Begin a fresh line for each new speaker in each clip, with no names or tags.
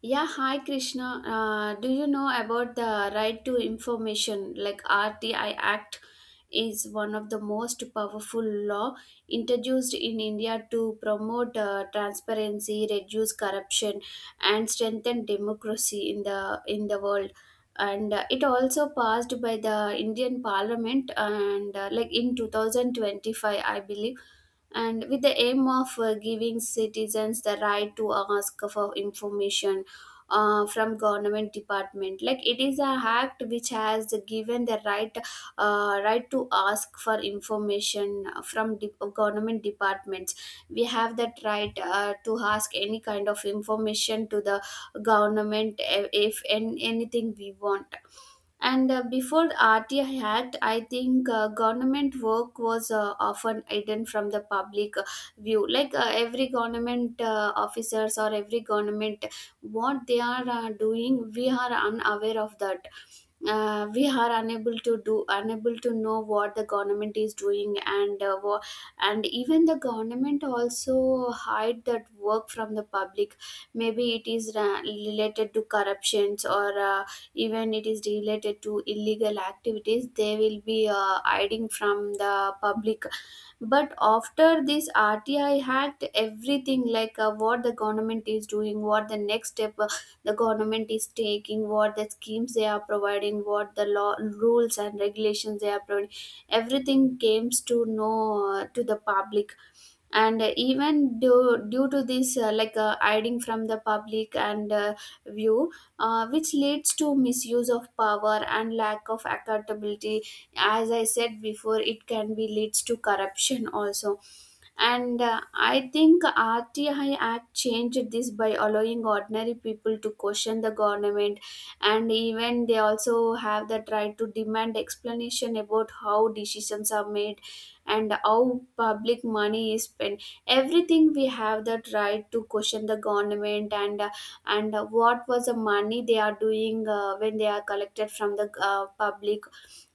Yeah, hi Krishna. Do you know about the right to information? Like RTI Act is one of the most powerful law introduced in India to promote transparency, reduce corruption, and strengthen democracy in the world. And it also passed by the Indian Parliament and like in 2025, I believe, and with the aim of giving citizens the right to ask for information from government department, like it is a act which has given the right right to ask for information from government departments. We have that right to ask any kind of information to the government if anything we want. And before the RTI had, I think government work was often hidden from the public view. Like every government officers or every government, what they are doing, we are unaware of that. We are unable to do, unable to know what the government is doing, and and even the government also hide that work from the public, maybe it is related to corruptions, or even it is related to illegal activities they will be hiding from the public. But after this RTI act, everything, like what the government is doing, what the next step the government is taking, what the schemes they are providing, what the law, rules and regulations they are providing, everything comes to know to the public. And even due to this, like hiding from the public and view, which leads to misuse of power and lack of accountability. As I said before, it can be leads to corruption also. And I think RTI act changed this by allowing ordinary people to question the government, and even they also have that right to demand explanation about how decisions are made and how public money is spent. Everything we have that right to question the government. And what was the money they are doing when they are collected from the public,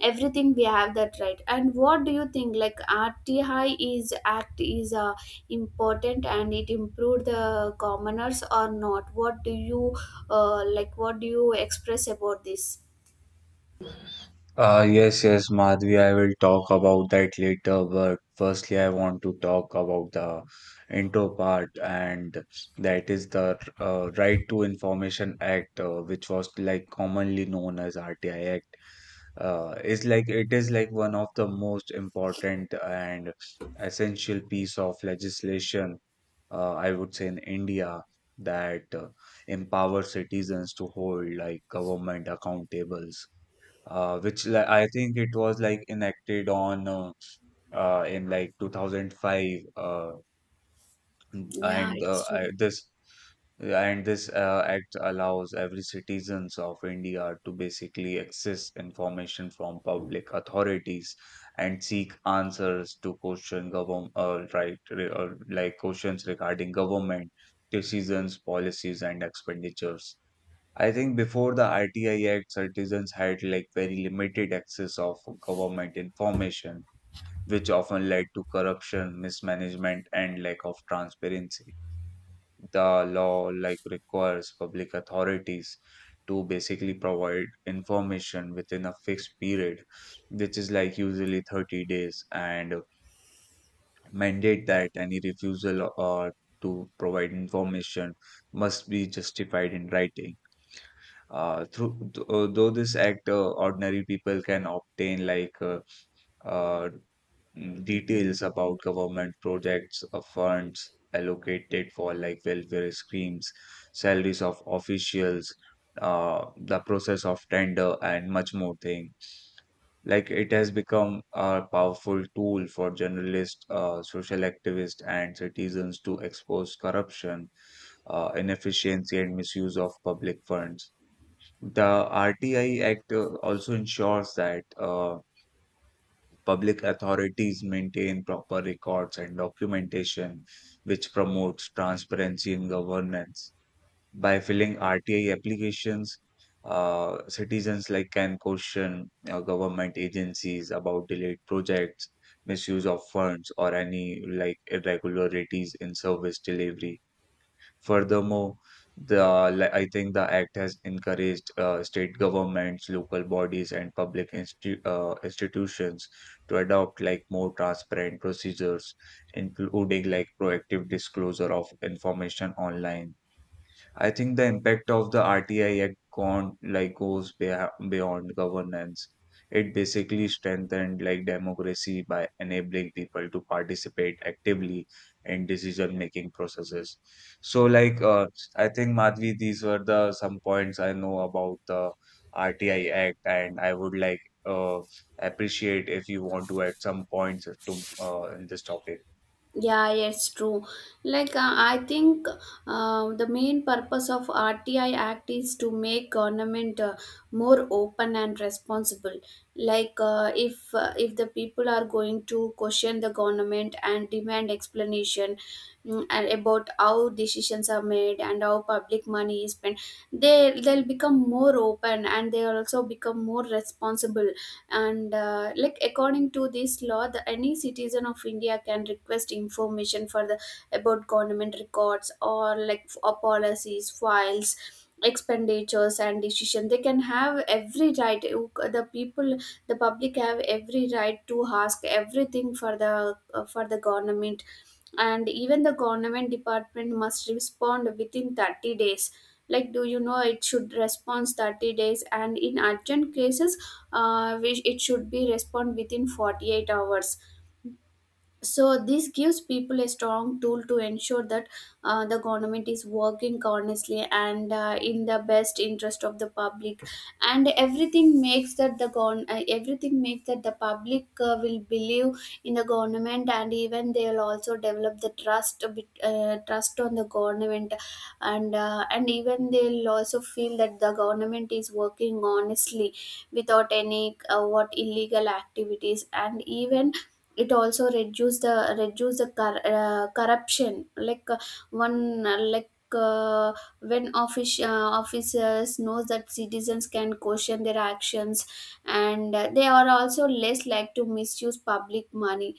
everything we have that right. And what do you think, like RTI is act is important and it improved the commoners or not? What do you, like what do you express about this?
Yes, yes, Madhvi, I will talk about that later, but firstly, I want to talk about the intro part, and that is the Right to Information Act, which was like commonly known as RTI Act. Is like it is like one of the most important and essential piece of legislation, I would say, in India that empowers citizens to hold like government accountable I think it was like enacted on in like 2005, uh,
Yeah,
and uh,
it's
I-
true.
this and this act allows every citizens of India to basically access information from public authorities and seek answers to question government like questions regarding government decisions, policies, and expenditures. I think before the RTI Act, citizens had like very limited access of government information, which often led to corruption, mismanagement, and lack of transparency. The law like requires public authorities to basically provide information within a fixed period, which is like usually 30 days, and mandate that any refusal or to provide information must be justified in writing. Though this act, ordinary people can obtain like uh, details about government projects, funds allocated for like welfare schemes, salaries of officials, the process of tender, and much more thing. Like it has become a powerful tool for journalists, social activists, and citizens to expose corruption, inefficiency, and misuse of public funds. The RTI Act also ensures that public authorities maintain proper records and documentation, which promotes transparency in governance. By filling RTI applications, citizens like can question government agencies about delayed projects, misuse of funds, or any like irregularities in service delivery. Furthermore, I think the act has encouraged state governments, local bodies, and public institutions to adopt like more transparent procedures, including like proactive disclosure of information online. I think the impact of the RTI Act gone like goes beyond governance. It basically strengthened like democracy by enabling people to participate actively in decision making processes. So like uh, I think, Madhvi, these were the some points I know about the RTI Act, and I would like uh, appreciate if you want to add some points to in this topic.
Yeah, it's true. Like, I think the main purpose of RTI Act is to make government more open and responsible. Like, if the people are going to question the government and demand explanation, and about how decisions are made and how public money is spent, they'll become more open and they'll also become more responsible. And like according to this law, the any citizen of India can request information for the, about government records, or like or policies, files, expenditures and decision, they can have every right. The people, the public have every right to ask everything for the, for the government. And even the government department must respond within 30 days. Like, do you know, it should respond 30 days, and in urgent cases, which it should be respond within 48 hours. So this gives people a strong tool to ensure that the government is working honestly and in the best interest of the public. And everything makes that the everything makes that the public will believe in the government, and even they will also develop the trust a bit, trust on the government. And and even they'll also feel that the government is working honestly, without any what illegal activities. And even it also reduce the corruption. Like one like uh, when officers knows that citizens can question their actions, and they are also less like to misuse public money.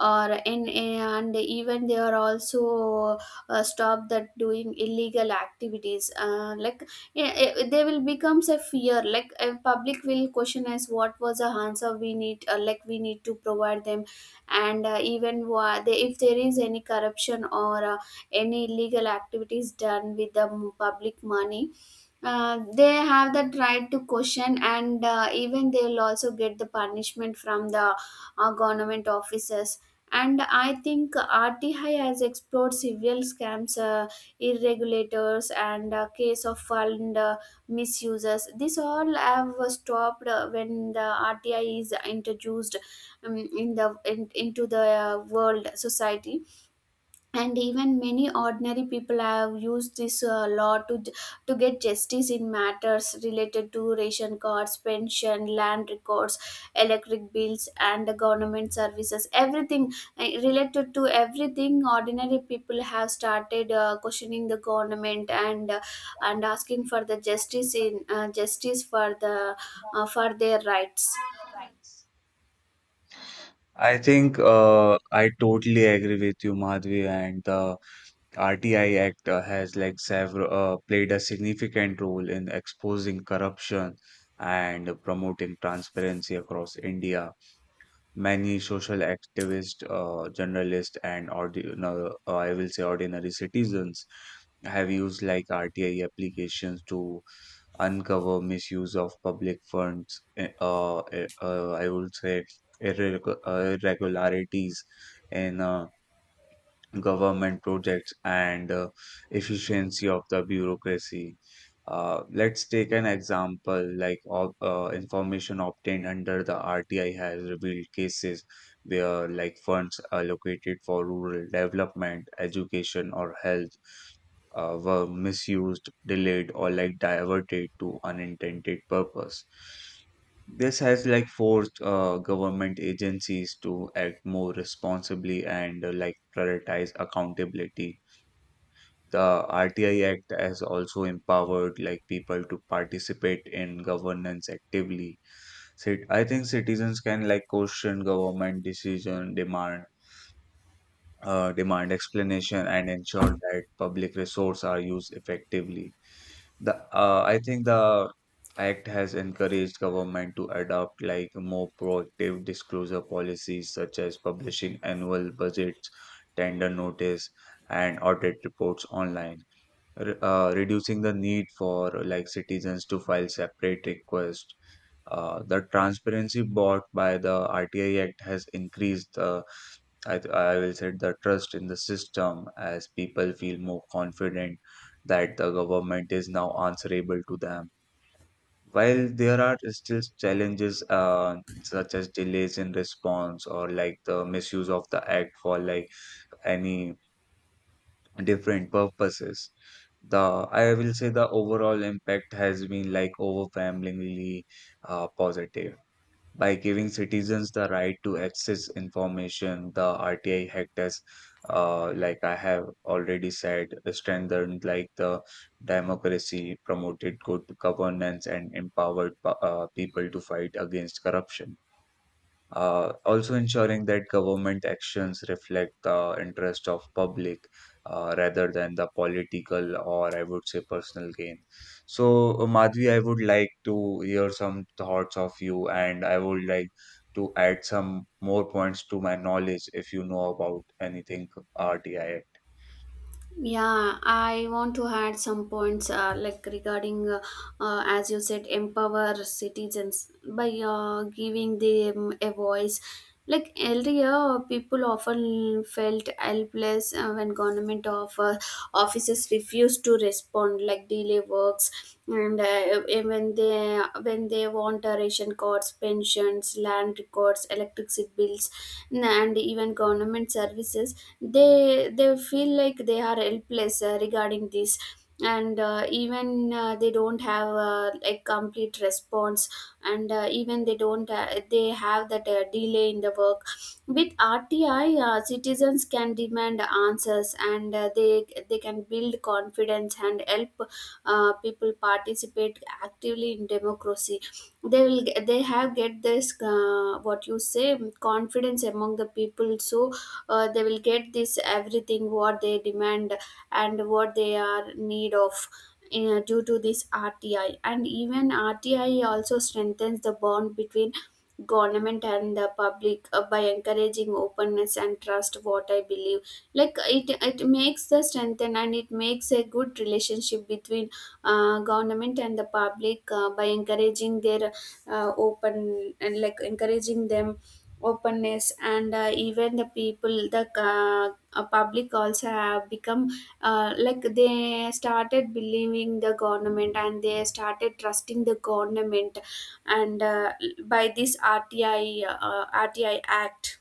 Or, in, and even they are also stop that doing illegal activities. Like, yeah, they will becomes a fear, like a public will question, as what was the answer we need, like we need to provide them. And even if there is any corruption, or any illegal activities done with the public money, they have that right to question. And even they will also get the punishment from the government officers. And I think RTI has explored several scams, irregulators, and case of fund misuses. This all have stopped when the RTI is introduced in the into the world society. And even many ordinary people have used this law to to get justice in matters related to ration cards, pension, land records, electric bills and the government services, everything related to everything. Ordinary people have started questioning the government, and asking for the justice in, justice for the for their rights.
I think I totally agree with you, Madhvi, and the RTI Act has like several played a significant role in exposing corruption and promoting transparency across India. Many social activists, journalists, and ordi- no, I will say ordinary citizens have used like RTI applications to uncover misuse of public funds. I would say irregularities in. Government projects and efficiency of the bureaucracy. Let's take an example like information obtained under the RTI has revealed cases where like funds allocated for rural development, education, or health were misused, delayed, or like diverted to unintended purpose. This has like forced government agencies to act more responsibly and like prioritize accountability. The RTI Act has also empowered like people to participate in governance actively. I think citizens can like question government decision, demand explanation, and ensure that public resources are used effectively. The I think the act has encouraged government to adopt like more proactive disclosure policies such as publishing annual budgets, tender notice, and audit reports online, reducing the need for like citizens to file separate requests. The transparency brought by the RTI Act has increased the I will set the trust in the system as people feel more confident that the government is now answerable to them. While there are still challenges such as delays in response or like the misuse of the act for like any different purposes, the I will say the overall impact has been like overwhelmingly positive. By giving citizens the right to access information, the RTI Act has, like I have already said, strengthened like the democracy, promoted good governance, and empowered people to fight against corruption, also ensuring that government actions reflect the interest of public, rather than the political or I would say personal gain. So, Madhvi, I would like to hear some thoughts of you, and I would like to add some more points to my knowledge if you know about anything RTI.
Yeah, I want to add some points, like regarding, as you said, empower citizens by giving them a voice. Like earlier, people often felt helpless when government offices refused to respond, like delay works, and when they want ration cards, pensions, land government records, electricity bills, and even government services. they they feel like they are helpless regarding this. And even they don't have a complete response, and even they don't they have that delay in the work. With RTI, citizens can demand answers, and they can build confidence and help people participate actively in democracy. They have get this, what you say, confidence among the people. So they will get this everything what they demand and what they are need of due to this RTI. And even RTI also strengthens the bond between government and the public by encouraging openness and trust, what I believe. Like it makes the strengthen, and it makes a good relationship between government and the public by encouraging their open and like encouraging them openness. And even the public also have become like, they started believing the government, and they started trusting the government. And by this RTI act.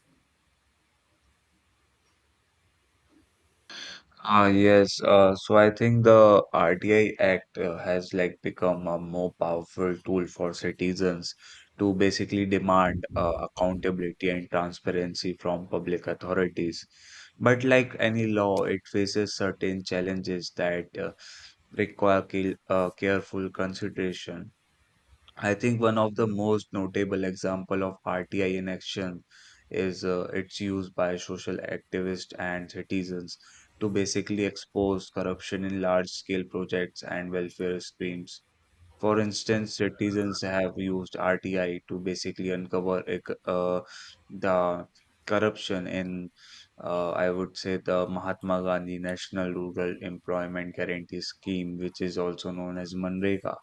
Ah, yes. So I think the RTI Act has like become a more powerful tool for citizens to basically demand accountability and transparency from public authorities. But like any law, it faces certain challenges that require careful consideration. I think one of the most notable example of RTI in action is its use by social activists and citizens to basically expose corruption in large scale projects and welfare schemes. For instance, citizens have used RTI to basically uncover the corruption in, I would say, the Mahatma Gandhi National Rural Employment Guarantee Scheme, which is also known as MNREGA,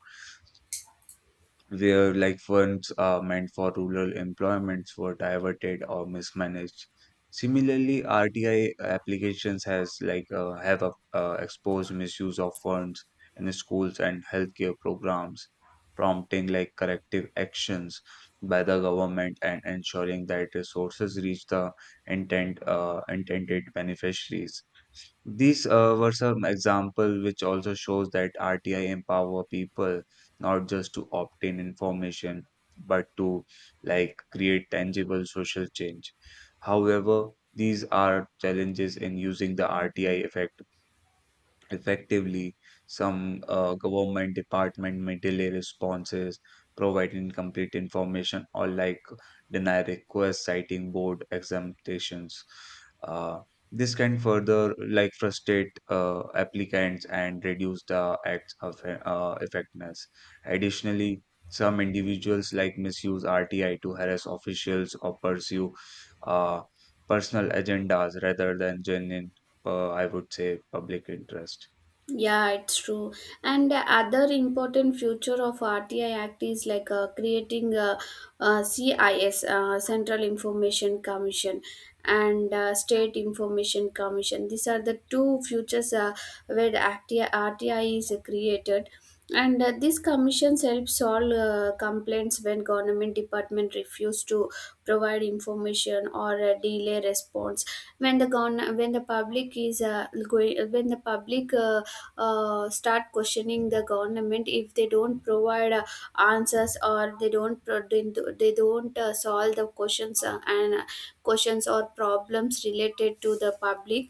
where like funds are meant for rural employments were diverted or mismanaged. Similarly, RTI applications has like have exposed misuse of funds in schools and healthcare programs, prompting like corrective actions by the government and ensuring that resources reach the intent intended beneficiaries. These were some example which also shows that RTI empower people not just to obtain information, but to like create tangible social change. However, these are challenges in using the RTI effect. Effectively, some government department may delay responses, provide incomplete information, or like deny requests citing board exemptions. Uh, this can further like frustrate applicants and reduce the act's effectiveness. Additionally, some individuals like misuse RTI to harass officials or pursue uh, personal agendas rather than genuine, I would say, public interest.
Yeah, it's true. And the other important future of RTI Act is, like creating a CIS, Central Information Commission, and State Information Commission. These are the two futures where the RTI is created. And these commissions help solve complaints when government department refuse to provide information or delay response. When the when the public is going, when the public start questioning the government, if they don't provide answers, or they don't they don't solve the questions, and questions or problems related to the public,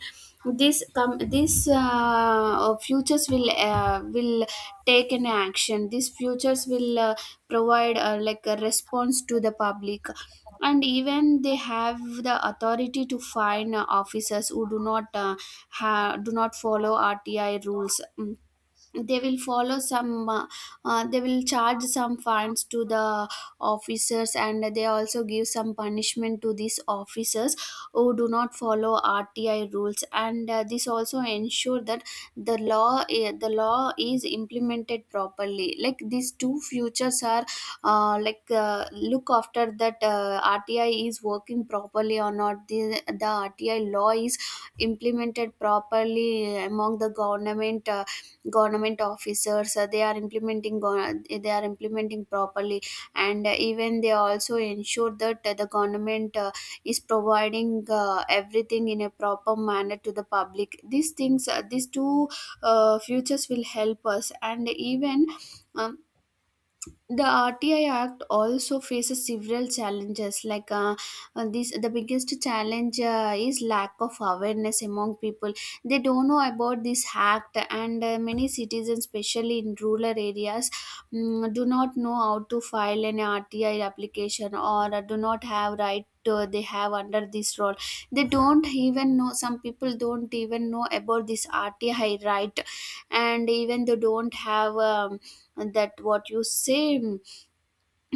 this futures will take an action. These futures will provide like a response to the public. And even they have the authority to fine officers who do not do not follow RTI rules. Mm, they will follow some, they will charge some fines to the officers, and they also give some punishment to these officers who do not follow RTI rules. And this also ensure that the law is implemented properly. Like, these two futures are look after that RTI is working properly or not. The, the RTI law is implemented properly among the government government officers. They are implementing they are implementing properly. And even they also ensure that the government is providing everything in a proper manner to the public. These things, these two futures will help us. And even um, the RTI Act also faces several challenges. Like the biggest challenge is lack of awareness among people. They don't know about this act, and many citizens, especially in rural areas, do not know how to file an RTI application, or do not have right they have under this role. They don't even know, some people don't even know about this RTI right. And even they don't have, that what you say,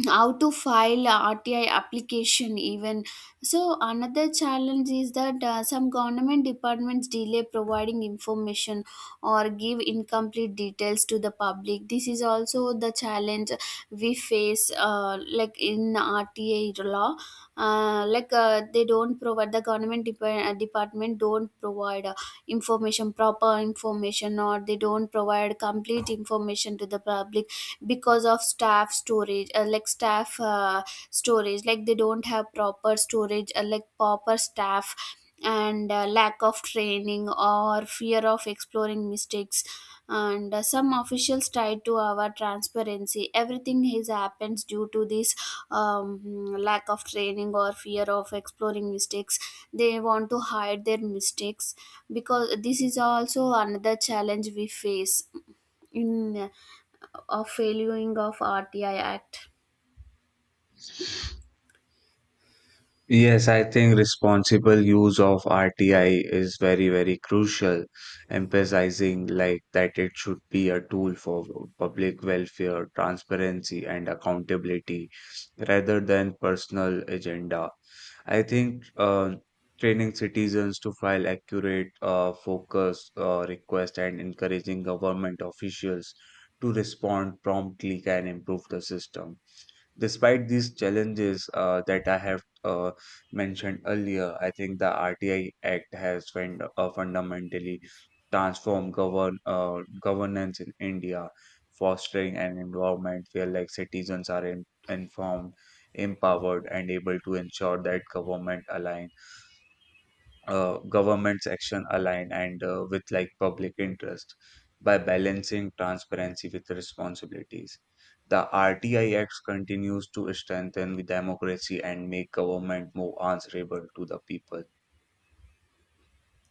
how to file a RTI application even. So another challenge is that some government departments delay providing information or give incomplete details to the public. This is also the challenge we face, like in RTI law. They don't provide, the government department don't provide information, proper information, or they don't provide complete information to the public, because of staff storage, like staff storage, like they don't have proper storage, like proper staff. And lack of training or fear of exploring mistakes. And some officials try to our transparency, everything is happens due to this, lack of training or fear of exploring mistakes. They want to hide their mistakes, because this is also another challenge we face in, of failing of RTI Act.
Yes, I think responsible use of RTI is very, very crucial, emphasizing like that it should be a tool for public welfare, transparency, and accountability rather than personal agenda. I think training citizens to file accurate, focused requests and encouraging government officials to respond promptly can improve the system. Despite these challenges that I have mentioned earlier, I think the RTI Act has fundamentally transformed governance in India, fostering an environment where like citizens are informed, empowered, and able to ensure that government's action align and with like public interest by balancing transparency with responsibilities. The RTI Act continues to strengthen the democracy and make government more answerable to the people.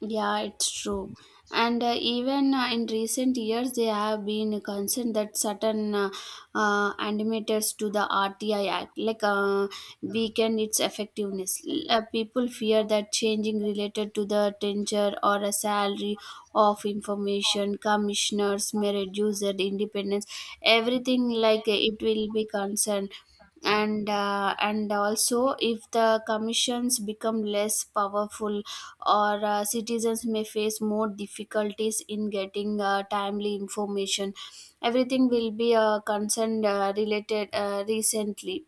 Yeah, it's true. And even in recent years, they have been concerned that certain animators to the RTI Act, like weaken its effectiveness. People fear that changing related to the tenure or a salary of information commissioners may reduce their independence. Everything, like it will be concerned. And and also if the commissions become less powerful, or citizens may face more difficulties in getting timely information, everything will be a concern related recently.